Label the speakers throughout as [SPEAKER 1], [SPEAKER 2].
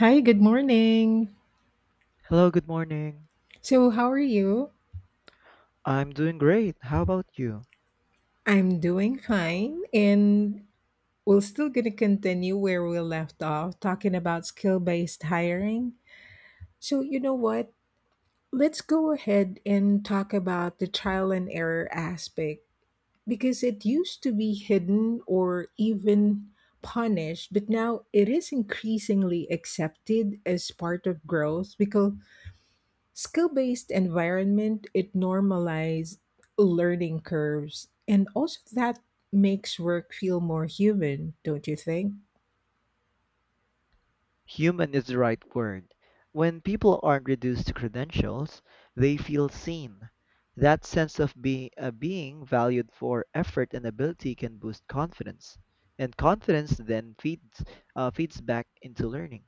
[SPEAKER 1] Hi, good morning.
[SPEAKER 2] Hello, good morning.
[SPEAKER 1] So, how are you?
[SPEAKER 2] I'm doing great. How about you?
[SPEAKER 1] I'm doing fine, and we're still going to continue where we left off talking about skill based hiring. So, you know what? Let's go ahead and talk about the trial and error aspect because it used to be hidden or even punished, but now it is increasingly accepted as part of growth because skill-based environment it normalizes learning curves and also that makes work feel more human, don't you think?
[SPEAKER 2] Human is the right word. When people aren't reduced to credentials, they feel seen. That sense of being valued for effort and ability can boost confidence, and confidence then feeds feeds back into learning.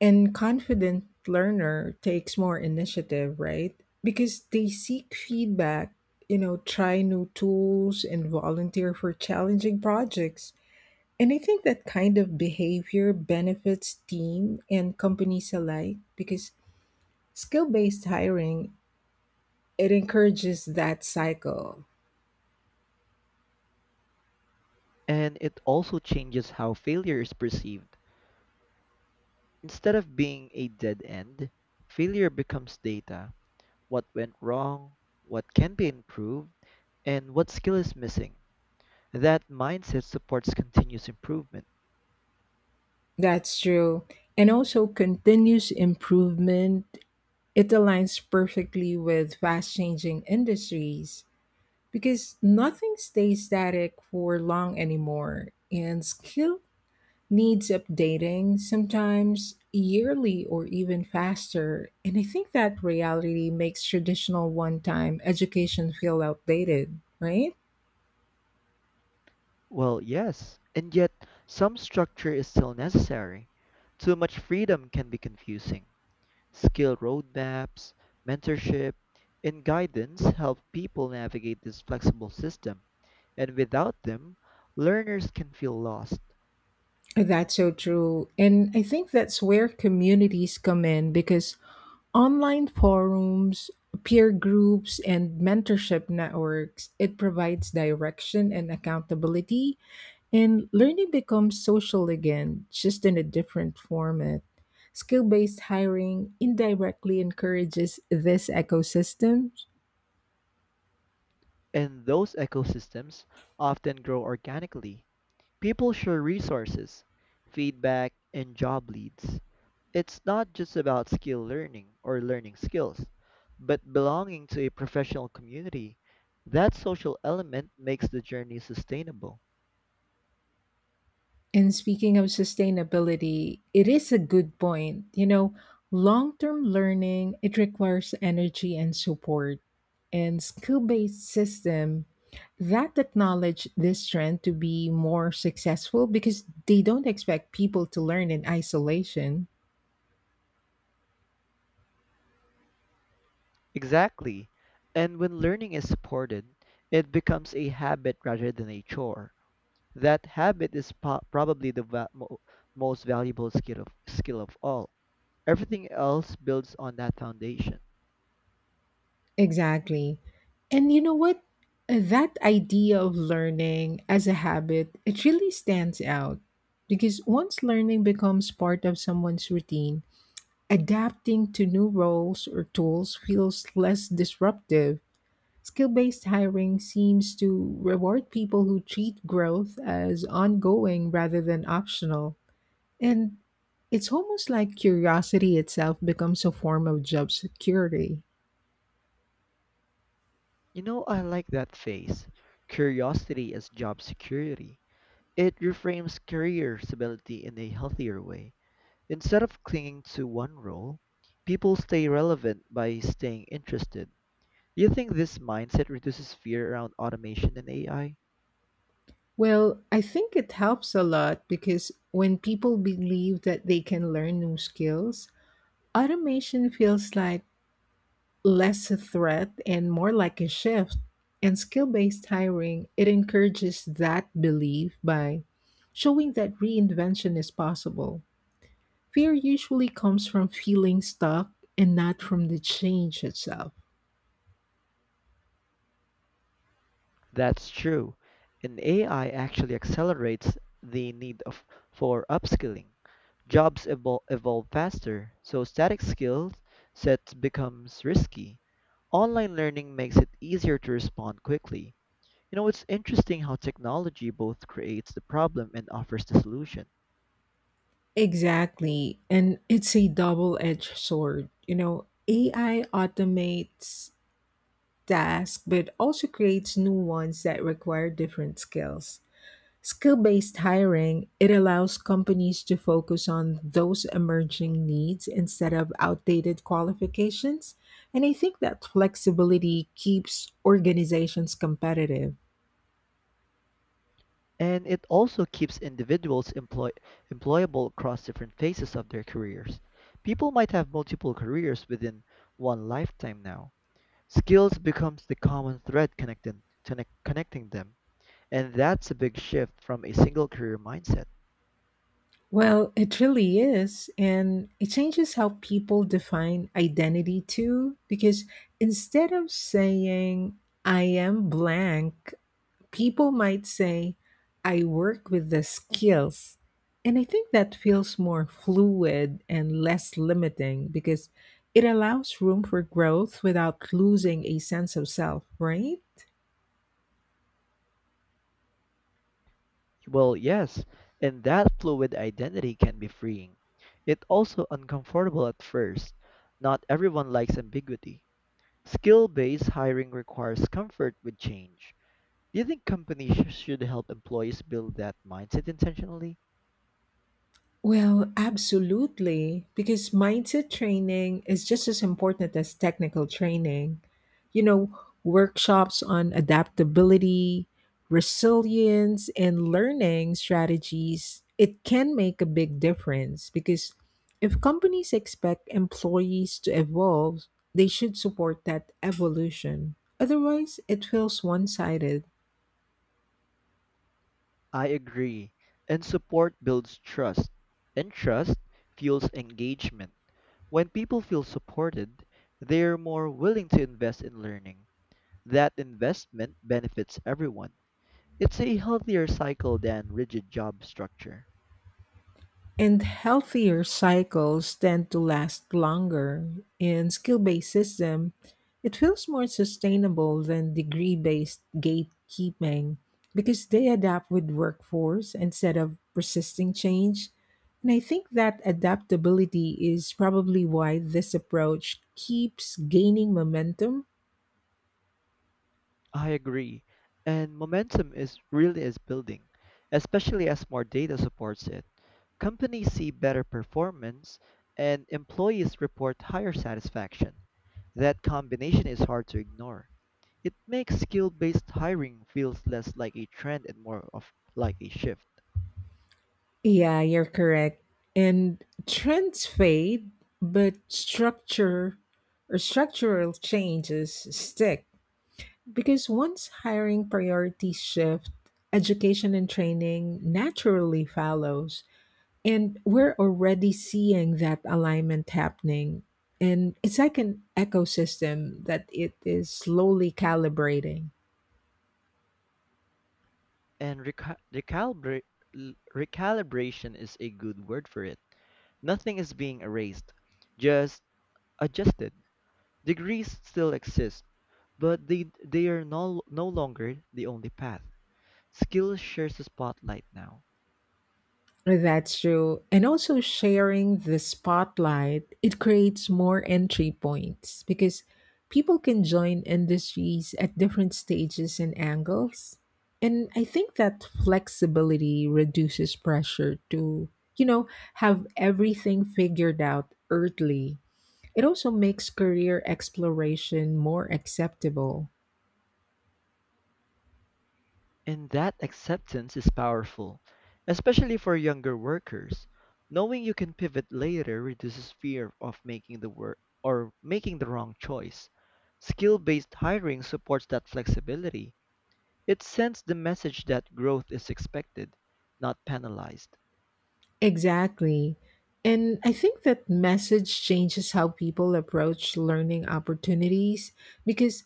[SPEAKER 1] And confident learner takes more initiative, right? Because they seek feedback, try new tools and volunteer for challenging projects. And I think that kind of behavior benefits team and companies alike because skill based hiring, it encourages that cycle.
[SPEAKER 2] And it also changes how failure is perceived. Instead of being a dead end, failure becomes data. What went wrong, what can be improved, and what skill is missing. That mindset supports continuous improvement.
[SPEAKER 1] That's true. And also continuous improvement. It aligns perfectly with fast changing industries because nothing stays static for long anymore. And skill needs updating sometimes yearly or even faster. And I think that reality makes traditional one time education feel outdated, right?
[SPEAKER 2] Well, yes, and yet some structure is still necessary. Too much freedom can be confusing. Skill roadmaps, mentorship, and guidance help people navigate this flexible system, and without them, learners can feel lost.
[SPEAKER 1] That's so true. And I think that's where communities come in because online forums, peer groups, and mentorship networks, it provides direction and accountability. And learning becomes social again, just in a different format. Skill based hiring indirectly encourages this ecosystem.
[SPEAKER 2] And those ecosystems often grow organically. People share resources, feedback, and job leads. It's not just about skill learning or learning skills, but belonging to a professional community. That social element makes the journey sustainable.
[SPEAKER 1] And speaking of sustainability, it is a good point. You know, long-term learning, it requires energy and support. And skill-based system that acknowledge this trend to be more successful because they don't expect people to learn in isolation.
[SPEAKER 2] Exactly. And when learning is supported, it becomes a habit rather than a chore. That habit is probably the most valuable skill of all. Everything else builds on that foundation.
[SPEAKER 1] Exactly. And you know what? That idea of learning as a habit, it really stands out because once learning becomes part of someone's routine, adapting to new roles or tools feels less disruptive. Skill based hiring seems to reward people who treat growth as ongoing rather than optional. And it's almost like curiosity itself becomes a form of job security.
[SPEAKER 2] You know, I like that phase. Curiosity as job security. It reframes career stability in a healthier way. Instead of clinging to one role, people stay relevant by staying interested. Do you think this mindset reduces fear around automation and AI?
[SPEAKER 1] Well, I think it helps a lot because when people believe that they can learn new skills, automation feels like less a threat and more like a shift. And skill based hiring, it encourages that belief by showing that reinvention is possible. Fear usually comes from feeling stuck and not from the change itself.
[SPEAKER 2] That's true. And AI actually accelerates the for upskilling. Evolve faster, so static skill sets becomes risky. Online learning makes it easier to respond quickly. You know, it's interesting how technology both creates the problem and offers the solution.
[SPEAKER 1] Exactly. And it's a double edged sword. You know, AI automates tasks, but also creates new ones that require different skills. Skill based hiring, it allows companies to focus on those emerging needs instead of outdated qualifications. And I think that flexibility keeps organizations competitive.
[SPEAKER 2] And it also keeps individuals employable across different phases of their careers. People might have multiple careers within one lifetime now. Skills becomes the common thread connecting them, and that's a big shift from a single career mindset.
[SPEAKER 1] Well, it really is. And it changes how people define identity too, because instead of saying, I am blank, people might say, I work with the skills. And I think that feels more fluid and less limiting because it allows room for growth without losing a sense of self, right?
[SPEAKER 2] Well, yes, and that fluid identity can be freeing. It also uncomfortable at first. Not everyone likes ambiguity. Skill-based hiring requires comfort with change. Do you think companies should help employees build that mindset intentionally?
[SPEAKER 1] Well, absolutely, because mindset training is just as important as technical training. You know, workshops on adaptability, resilience, and learning strategies, it can make a big difference because if companies expect employees to evolve, they should support that evolution. Otherwise, it feels one sided.
[SPEAKER 2] I agree. And support builds trust, and trust fuels engagement. When people feel supported, they're more willing to invest in learning. That investment benefits everyone. It's a healthier cycle than rigid job structure.
[SPEAKER 1] And healthier cycles tend to last longer. In skill based system, it feels more sustainable than degree based gatekeeping because they adapt with workforce instead of persisting change. And I think that adaptability is probably why this approach keeps gaining momentum.
[SPEAKER 2] I agree. And momentum is really is building, especially as more data supports it. Companies see better performance and employees report higher satisfaction. That combination is hard to ignore. It makes skill-based hiring feels less like a trend and more of like a shift.
[SPEAKER 1] Yeah, you're correct. And trends fade, but structure or structural changes stick. Because once hiring priorities shift, education and training naturally follows. And we're already seeing that alignment happening. And it's like an ecosystem that it is slowly calibrating.
[SPEAKER 2] And recalibration is a good word for it. Nothing is being erased, just adjusted. Degrees still exist, but they are no longer the only path. Skill shares the spotlight now.
[SPEAKER 1] That's true. And also sharing the spotlight, it creates more entry points because people can join industries at different stages and angles. And I think that flexibility reduces pressure to, you know, have everything figured out early. It also makes career exploration more acceptable.
[SPEAKER 2] And that acceptance is powerful, especially for younger workers. Knowing you can pivot later reduces fear of making the wrong choice. Skill-based hiring supports that flexibility. It sends the message that growth is expected, not penalized.
[SPEAKER 1] Exactly. And I think that message changes how people approach learning opportunities because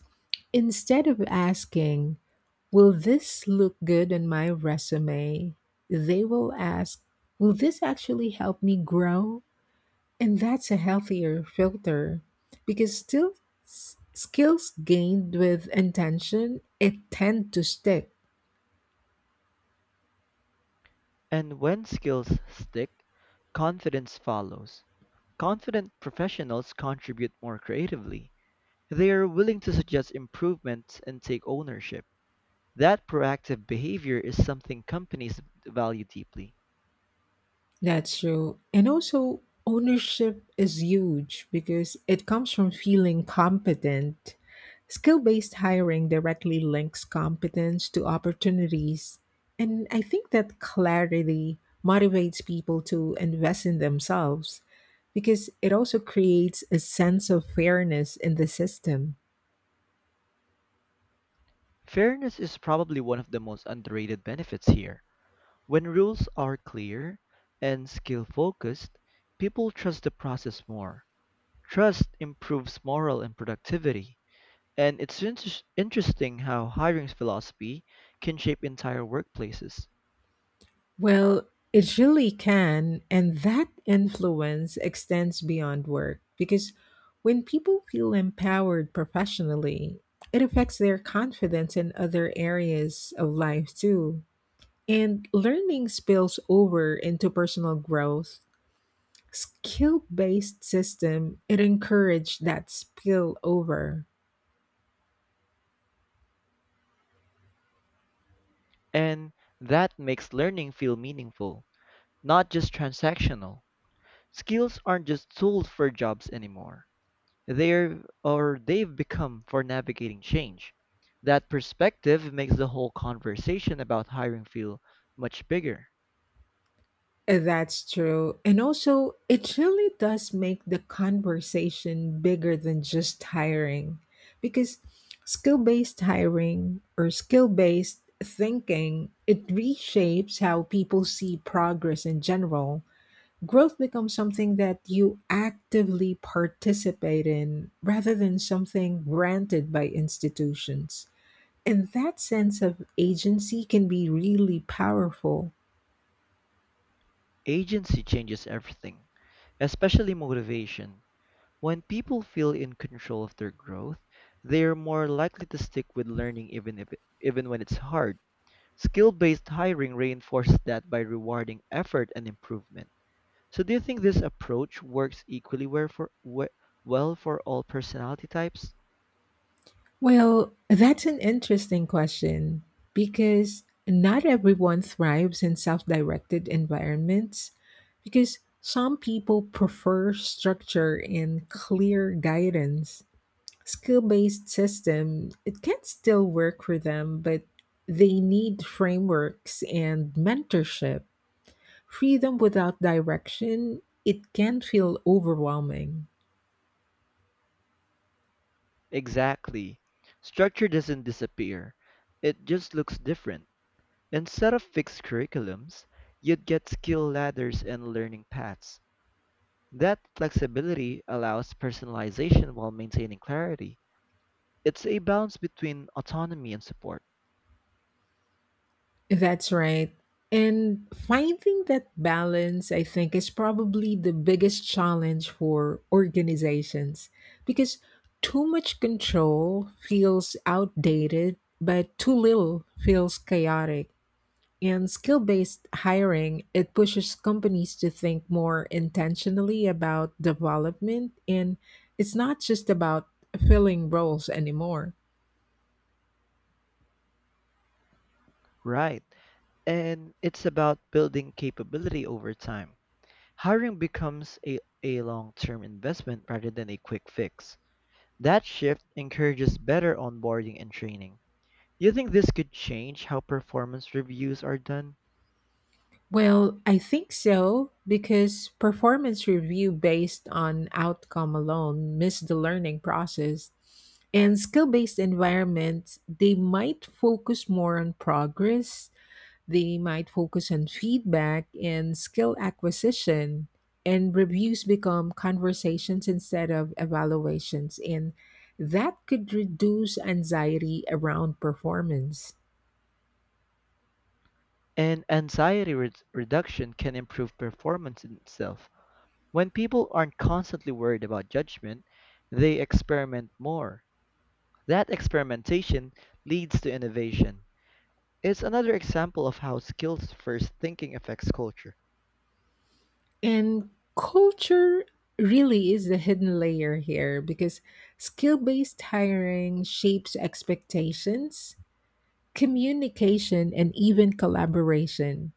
[SPEAKER 1] instead of asking, will this look good on my resume? They will ask, will this actually help me grow? And that's a healthier filter because skills gained with intention it tend to stick.
[SPEAKER 2] And when skills stick, confidence follows. Confident professionals contribute more creatively. They are willing to suggest improvements and take ownership. That proactive behavior is something companies value deeply.
[SPEAKER 1] That's true. And also, ownership is huge because it comes from feeling competent. Skill based hiring directly links competence to opportunities. And I think that clarity motivates people to invest in themselves because it also creates a sense of fairness in the system.
[SPEAKER 2] Fairness is probably one of the most underrated benefits here. When rules are clear and skill focused, people trust the process more. Trust improves morale and productivity. And it's interesting how hiring philosophy can shape entire workplaces.
[SPEAKER 1] Well, it really can. And that influence extends beyond work because when people feel empowered professionally, it affects their confidence in other areas of life too. And learning spills over into personal growth. Skill based system, it encouraged that spill over.
[SPEAKER 2] And that makes learning feel meaningful, not just transactional. Skills aren't just tools for jobs anymore. They've become for navigating change. That perspective makes the whole conversation about hiring feel much bigger.
[SPEAKER 1] That's true. And also, it really does make the conversation bigger than just hiring because skill based hiring or skill based thinking, it reshapes how people see progress in general. Growth becomes something that you actively participate in rather than something granted by institutions. And that sense of agency can be really powerful.
[SPEAKER 2] Agency changes everything, especially motivation. When people feel in control of their growth, they are more likely to stick with learning even if even when it's hard. Skill-based hiring reinforces that by rewarding effort and improvement. So do you think this approach works equally well for well for all personality types?
[SPEAKER 1] Well, that's an interesting question because not everyone thrives in self directed environments because some people prefer structure and clear guidance. Skill based system, it can still work for them, but they need frameworks and mentorship. Freedom without direction, it can feel overwhelming.
[SPEAKER 2] Exactly. Structure doesn't disappear, it just looks different. Instead of fixed curriculums, you'd get skill ladders and learning paths. That flexibility allows personalization while maintaining clarity. It's a balance between autonomy and support.
[SPEAKER 1] That's right. And finding that balance, I think, is probably the biggest challenge for organizations because too much control feels outdated, but too little feels chaotic. And skill based hiring, it pushes companies to think more intentionally about development. And it's not just about filling roles anymore.
[SPEAKER 2] Right. And it's about building capability over time. Hiring becomes a long term investment rather than a quick fix. That shift encourages better onboarding and training. You think this could change how performance reviews are done?
[SPEAKER 1] Well, I think so because performance review based on outcome alone miss the learning process. In skill-based environments, they might focus on feedback and skill acquisition, and reviews become conversations instead of evaluations and that could reduce anxiety around performance.
[SPEAKER 2] And reduction can improve performance in itself. When people aren't constantly worried about judgment, they experiment more. That experimentation leads to innovation. It's another example of how skills first thinking affects culture.
[SPEAKER 1] And culture really is the hidden layer here because skill based hiring shapes expectations, communication, and even collaboration.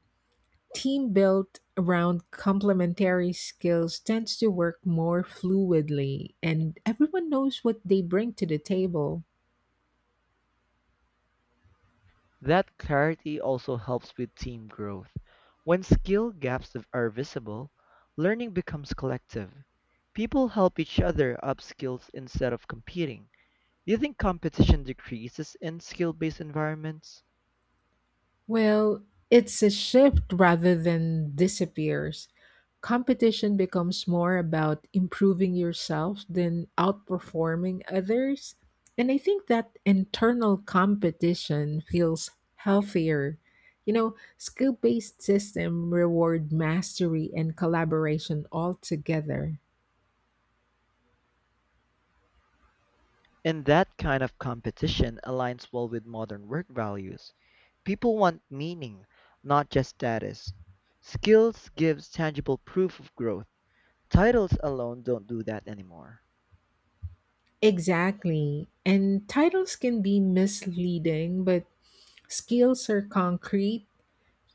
[SPEAKER 1] Team built around complementary skills tends to work more fluidly, and everyone knows what they bring to the table.
[SPEAKER 2] That clarity also helps with team growth. When skill are visible, learning becomes collective. People help each other up skills instead of competing. Do you think competition decreases in skill based environments?
[SPEAKER 1] Well, it's a shift rather than disappears. Competition becomes more about improving yourself than outperforming others. And I think that internal competition feels healthier. You know, skill-based system reward mastery and collaboration altogether.
[SPEAKER 2] And that kind of competition aligns well with modern work values. People want meaning, not just status. Skills gives tangible proof of growth. Titles alone don't do that anymore.
[SPEAKER 1] Exactly. And titles can be misleading, but skills are concrete.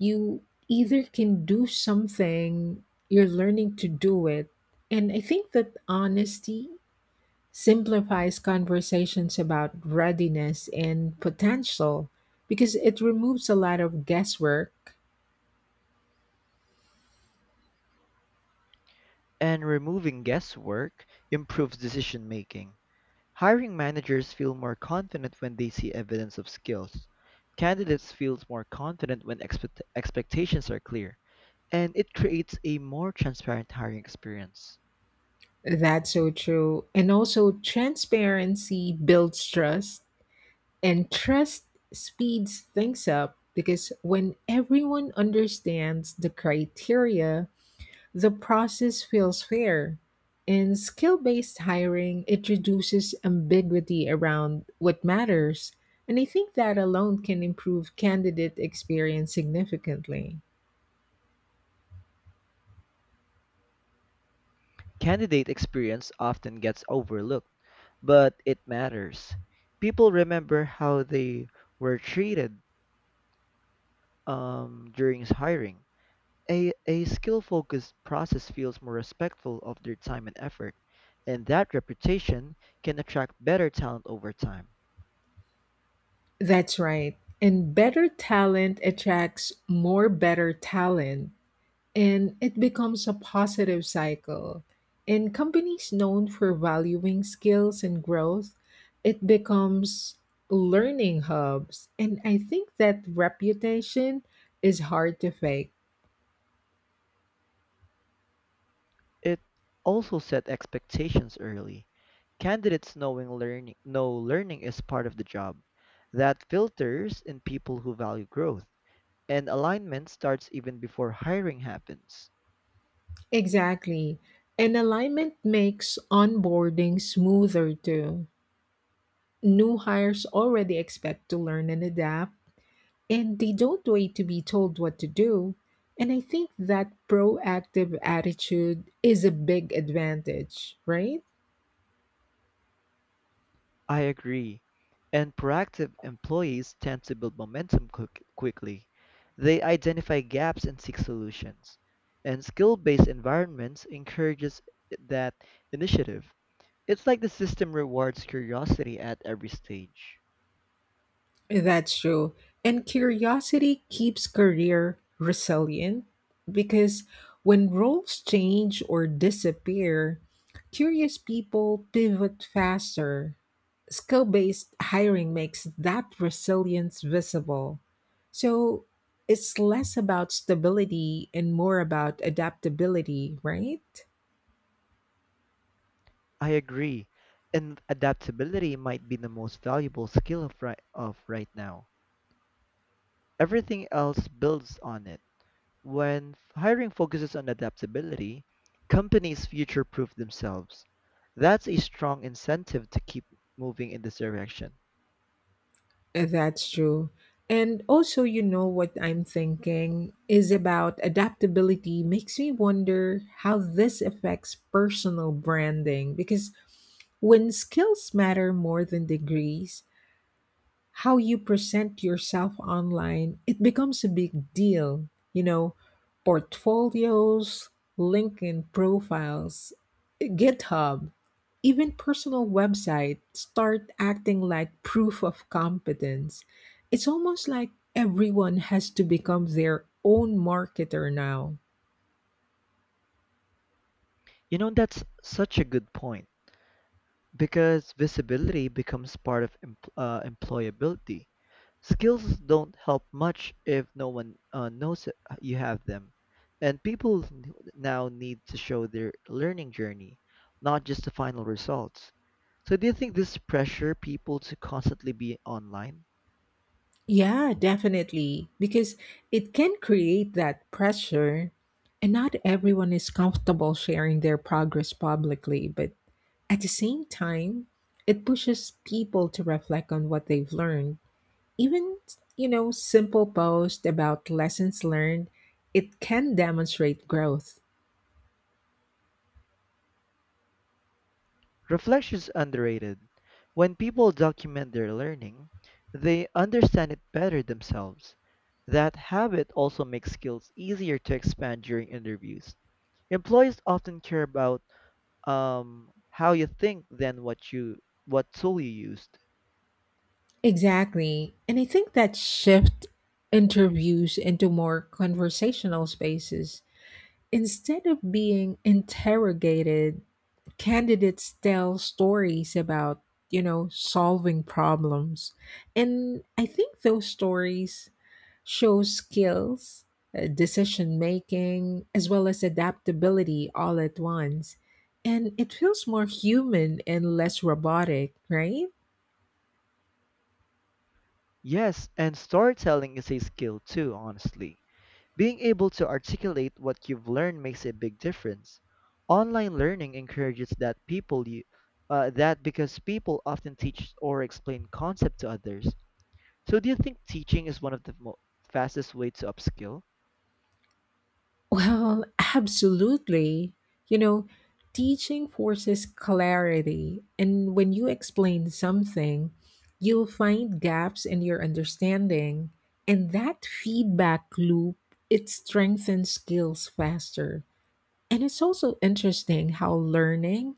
[SPEAKER 1] You either can do something you're learning to do it. And I think that honesty simplifies conversations about readiness and potential because it removes a lot of guesswork.
[SPEAKER 2] And removing guesswork improves decision-making. Hiring managers feel more confident when they see evidence of skills. Candidates feel more confident when expectations are clear, and it creates a more transparent hiring experience.
[SPEAKER 1] That's so true. And also transparency builds trust and trust speeds things up because when everyone understands the criteria the process feels fair. In skill based hiring, it reduces ambiguity around what matters, and I think that alone can improve candidate experience significantly.
[SPEAKER 2] Candidate experience often gets overlooked, but it matters. People remember how they were treated during hiring. A skill-focused process feels more respectful of their time and effort, and that reputation can attract better talent over time.
[SPEAKER 1] That's right. And better talent attracts more better talent, and it becomes a positive cycle. In companies known for valuing skills and growth, it becomes learning hubs. And I think that reputation is hard to fake.
[SPEAKER 2] It also set expectations early. Candidates knowing learning know learning is part of the job. That filters in people who value growth, and alignment starts even before hiring happens.
[SPEAKER 1] Exactly. And alignment makes onboarding smoother too. New hires already expect to learn and adapt and they don't wait to be told what to do. And I think that proactive attitude is a big advantage, right?
[SPEAKER 2] I agree. And proactive employees tend to build momentum quickly. They identify gaps and seek solutions. And skill-based environments encourages that initiative. It's like the system rewards curiosity at every stage.
[SPEAKER 1] That's true. And curiosity keeps career resilient because when roles change or disappear, curious people pivot faster. Skill based hiring makes that resilience visible. So it's less about stability and more about adaptability, right?
[SPEAKER 2] I agree. And adaptability might be the most valuable skill of right now. Everything else builds on it. When hiring focuses on adaptability, companies future-proof themselves. That's a strong incentive to keep moving in this direction.
[SPEAKER 1] That's true. And also, you know what I'm thinking is about adaptability makes me wonder how this affects personal branding because when skills matter more than degrees, how you present yourself online, it becomes a big deal. You know, portfolios, LinkedIn profiles, GitHub, even personal websites start acting like proof of competence. It's almost like everyone has to become their own marketer now.
[SPEAKER 2] You know, that's such a good point. Because visibility becomes part of employability. Skills don't help much if no one knows you have them. And people now need to show their learning journey, not just the final results. So, do you think this pressure people to constantly be online?
[SPEAKER 1] Yeah, definitely, because it can create that pressure. And not everyone is comfortable sharing their progress publicly, but at the same time, it pushes people to reflect on what they've learned. Even, simple posts about lessons learned, it can demonstrate growth.
[SPEAKER 2] Reflection is underrated. When people document their learning, they understand it better themselves. That habit also makes skills easier to expand during interviews. Employees often care about how you think than what tool you used.
[SPEAKER 1] Exactly. And I think that shift interviews into more conversational spaces. Instead of being interrogated, candidates tell stories about, solving problems. And I think those stories shows skills, decision making, as well as adaptability all at once. And it feels more human and less robotic, right?
[SPEAKER 2] Yes, and storytelling is a skill too, honestly. Being able to articulate what you've learned makes a big difference. Online learning encourages that people you that because people often teach or explain concept to others. So do you think teaching is one of the fastest way to upskill?
[SPEAKER 1] Well, absolutely. You know, teaching forces clarity. And when you explain something, you'll find gaps in your understanding. And that feedback loop, it strengthens skills faster. And it's also interesting how learning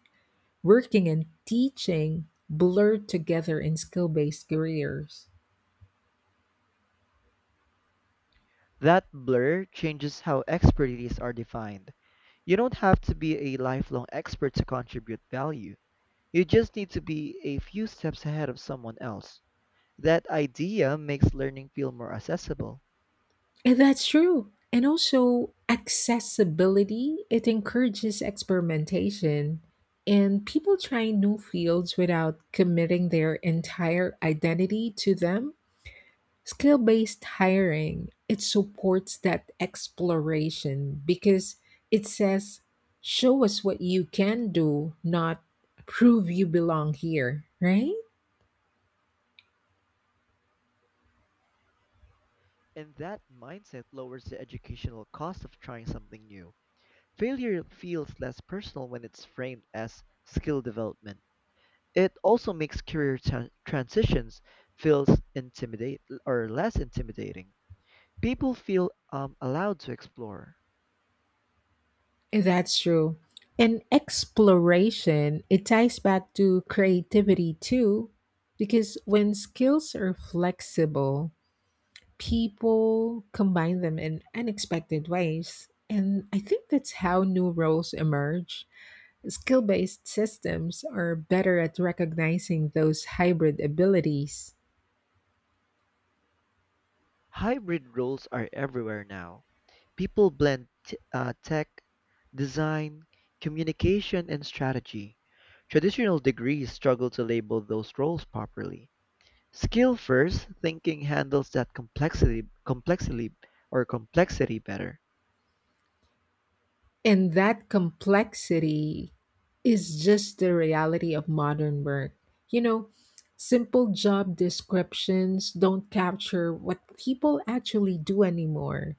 [SPEAKER 1] working and teaching blurred together in skill based careers.
[SPEAKER 2] That blur changes how expertise are defined. You don't have to be a lifelong expert to contribute value. You just need to be a few steps ahead of someone else. That idea makes learning feel more accessible.
[SPEAKER 1] And that's true. And also, accessibility, it encourages experimentation and people trying new fields without committing their entire identity to them. Skill based hiring, it supports that exploration because it says, show us what you can do, not prove you belong here, right?
[SPEAKER 2] And that mindset lowers the educational cost of trying something new. Failure feels less personal when it's framed as skill development. It also makes career transitions feels intimidate or less intimidating. People feel allowed to explore.
[SPEAKER 1] That's true. And exploration, it ties back to creativity too, because when skills are flexible, people combine them in unexpected ways. And I think that's how new roles emerge. Skill based systems are better at recognizing those hybrid abilities.
[SPEAKER 2] Hybrid roles are everywhere now. People blend tech, design, communication, and strategy. Traditional degrees struggle to label those roles properly. Skill first thinking handles that complexity better.
[SPEAKER 1] And that complexity is just the reality of modern work. You know, simple job descriptions don't capture what people actually do anymore.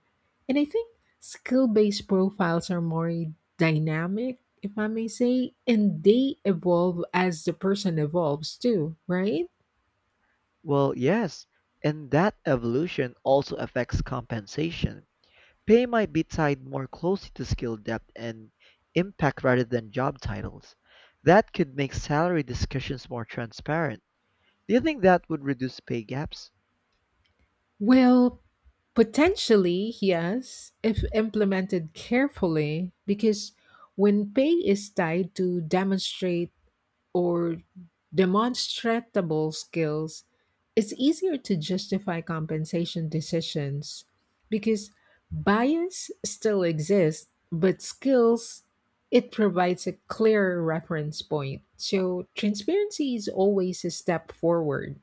[SPEAKER 1] And I think skill based profiles are more dynamic, if I may say, and they evolve as the person evolves too, right?
[SPEAKER 2] Well, yes, and that evolution also affects compensation. Pay might be tied more closely to skill depth and impact rather than job titles. That could make salary discussions more transparent. Do you think that would reduce pay gaps?
[SPEAKER 1] Well, potentially, yes, if implemented carefully, because when pay is tied to demonstrate or demonstrable skills, it's easier to justify compensation decisions because bias still exists, but skills, it provides a clearer reference point. So transparency is always a step forward.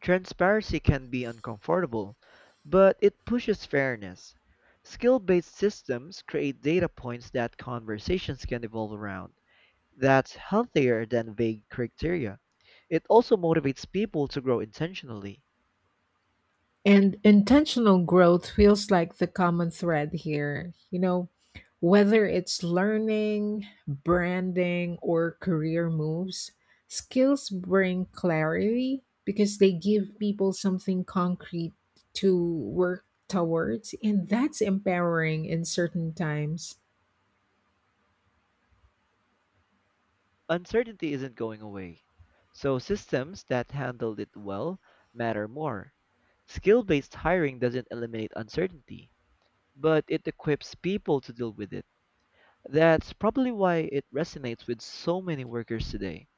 [SPEAKER 2] Transparency can be uncomfortable, but it pushes fairness. Skill based systems create data points that conversations can evolve around. That's healthier than vague criteria. It also motivates people to grow intentionally.
[SPEAKER 1] And intentional growth feels like the common thread here. You know, whether it's learning, branding, or career moves, skills bring clarity because they give people something concrete to work towards. And that's empowering in certain times.
[SPEAKER 2] Uncertainty isn't going away, so systems that handle it well matter more. Skill based hiring doesn't eliminate uncertainty, but it equips people to deal with it. That's probably why it resonates with so many workers today.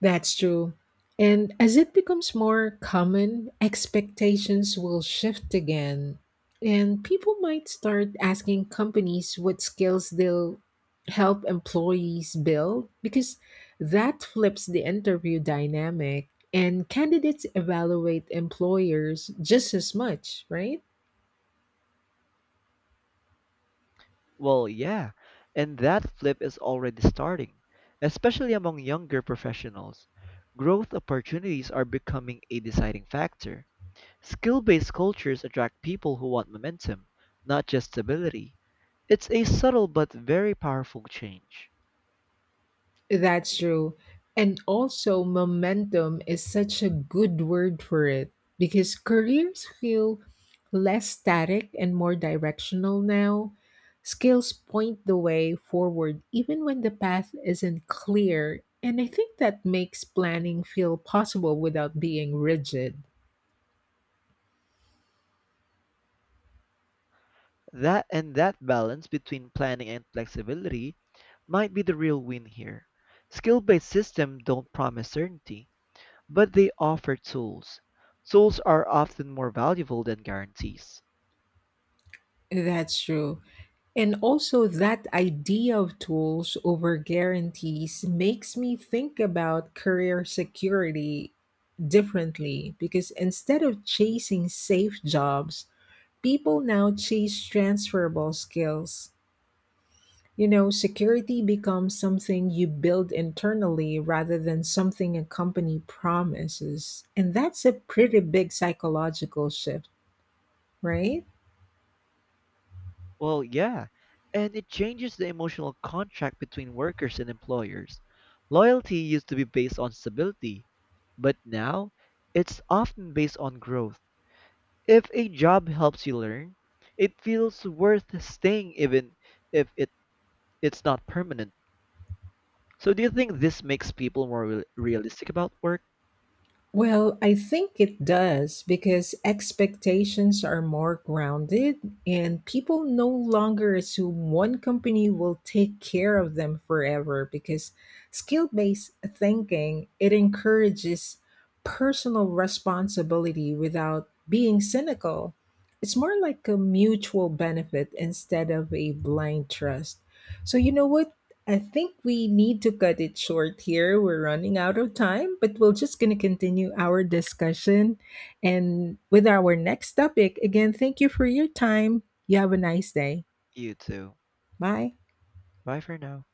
[SPEAKER 1] That's true. And as it becomes more common, expectations will shift again. And people might start asking companies what skills they'll help employees build because that flips the interview dynamic. And candidates evaluate employers just as much, right?
[SPEAKER 2] Well, yeah, and that flip is already starting, especially among younger professionals. Growth opportunities are becoming a deciding factor. Skill-based cultures attract people who want momentum, not just stability. It's a subtle but very powerful change.
[SPEAKER 1] That's true. And also, momentum is such a good word for it because careers feel less static and more directional now. Skills point the way forward, even when the path isn't clear. And I think that makes planning feel possible without being rigid.
[SPEAKER 2] That and that balance between planning and flexibility might be the real win here. Skill-based systems don't promise certainty, but they offer tools. Tools are often more valuable than guarantees.
[SPEAKER 1] That's true. And also, that idea of tools over guarantees makes me think about career security differently because instead of chasing safe jobs, people now chase transferable skills. You know, security becomes something you build internally rather than something a company promises. And that's a pretty big psychological shift, right?
[SPEAKER 2] Well, yeah, and it changes the emotional contract between workers and employers. Loyalty used to be based on stability, but now it's often based on growth. If a job helps you learn, it feels worth staying even if it, it's not permanent. So, do you think this makes people more realistic about work?
[SPEAKER 1] Well, I think it does because expectations are more grounded and people no longer assume one company will take care of them forever because skill-based thinking it encourages personal responsibility without being cynical. It's more like a mutual benefit instead of a blind trust. So you know what? I think we need to cut it short here. We're running out of time, but we're just going to continue our discussion and with our next topic. Again, thank you for your time. You have a nice day.
[SPEAKER 2] You too.
[SPEAKER 1] Bye.
[SPEAKER 2] Bye for now.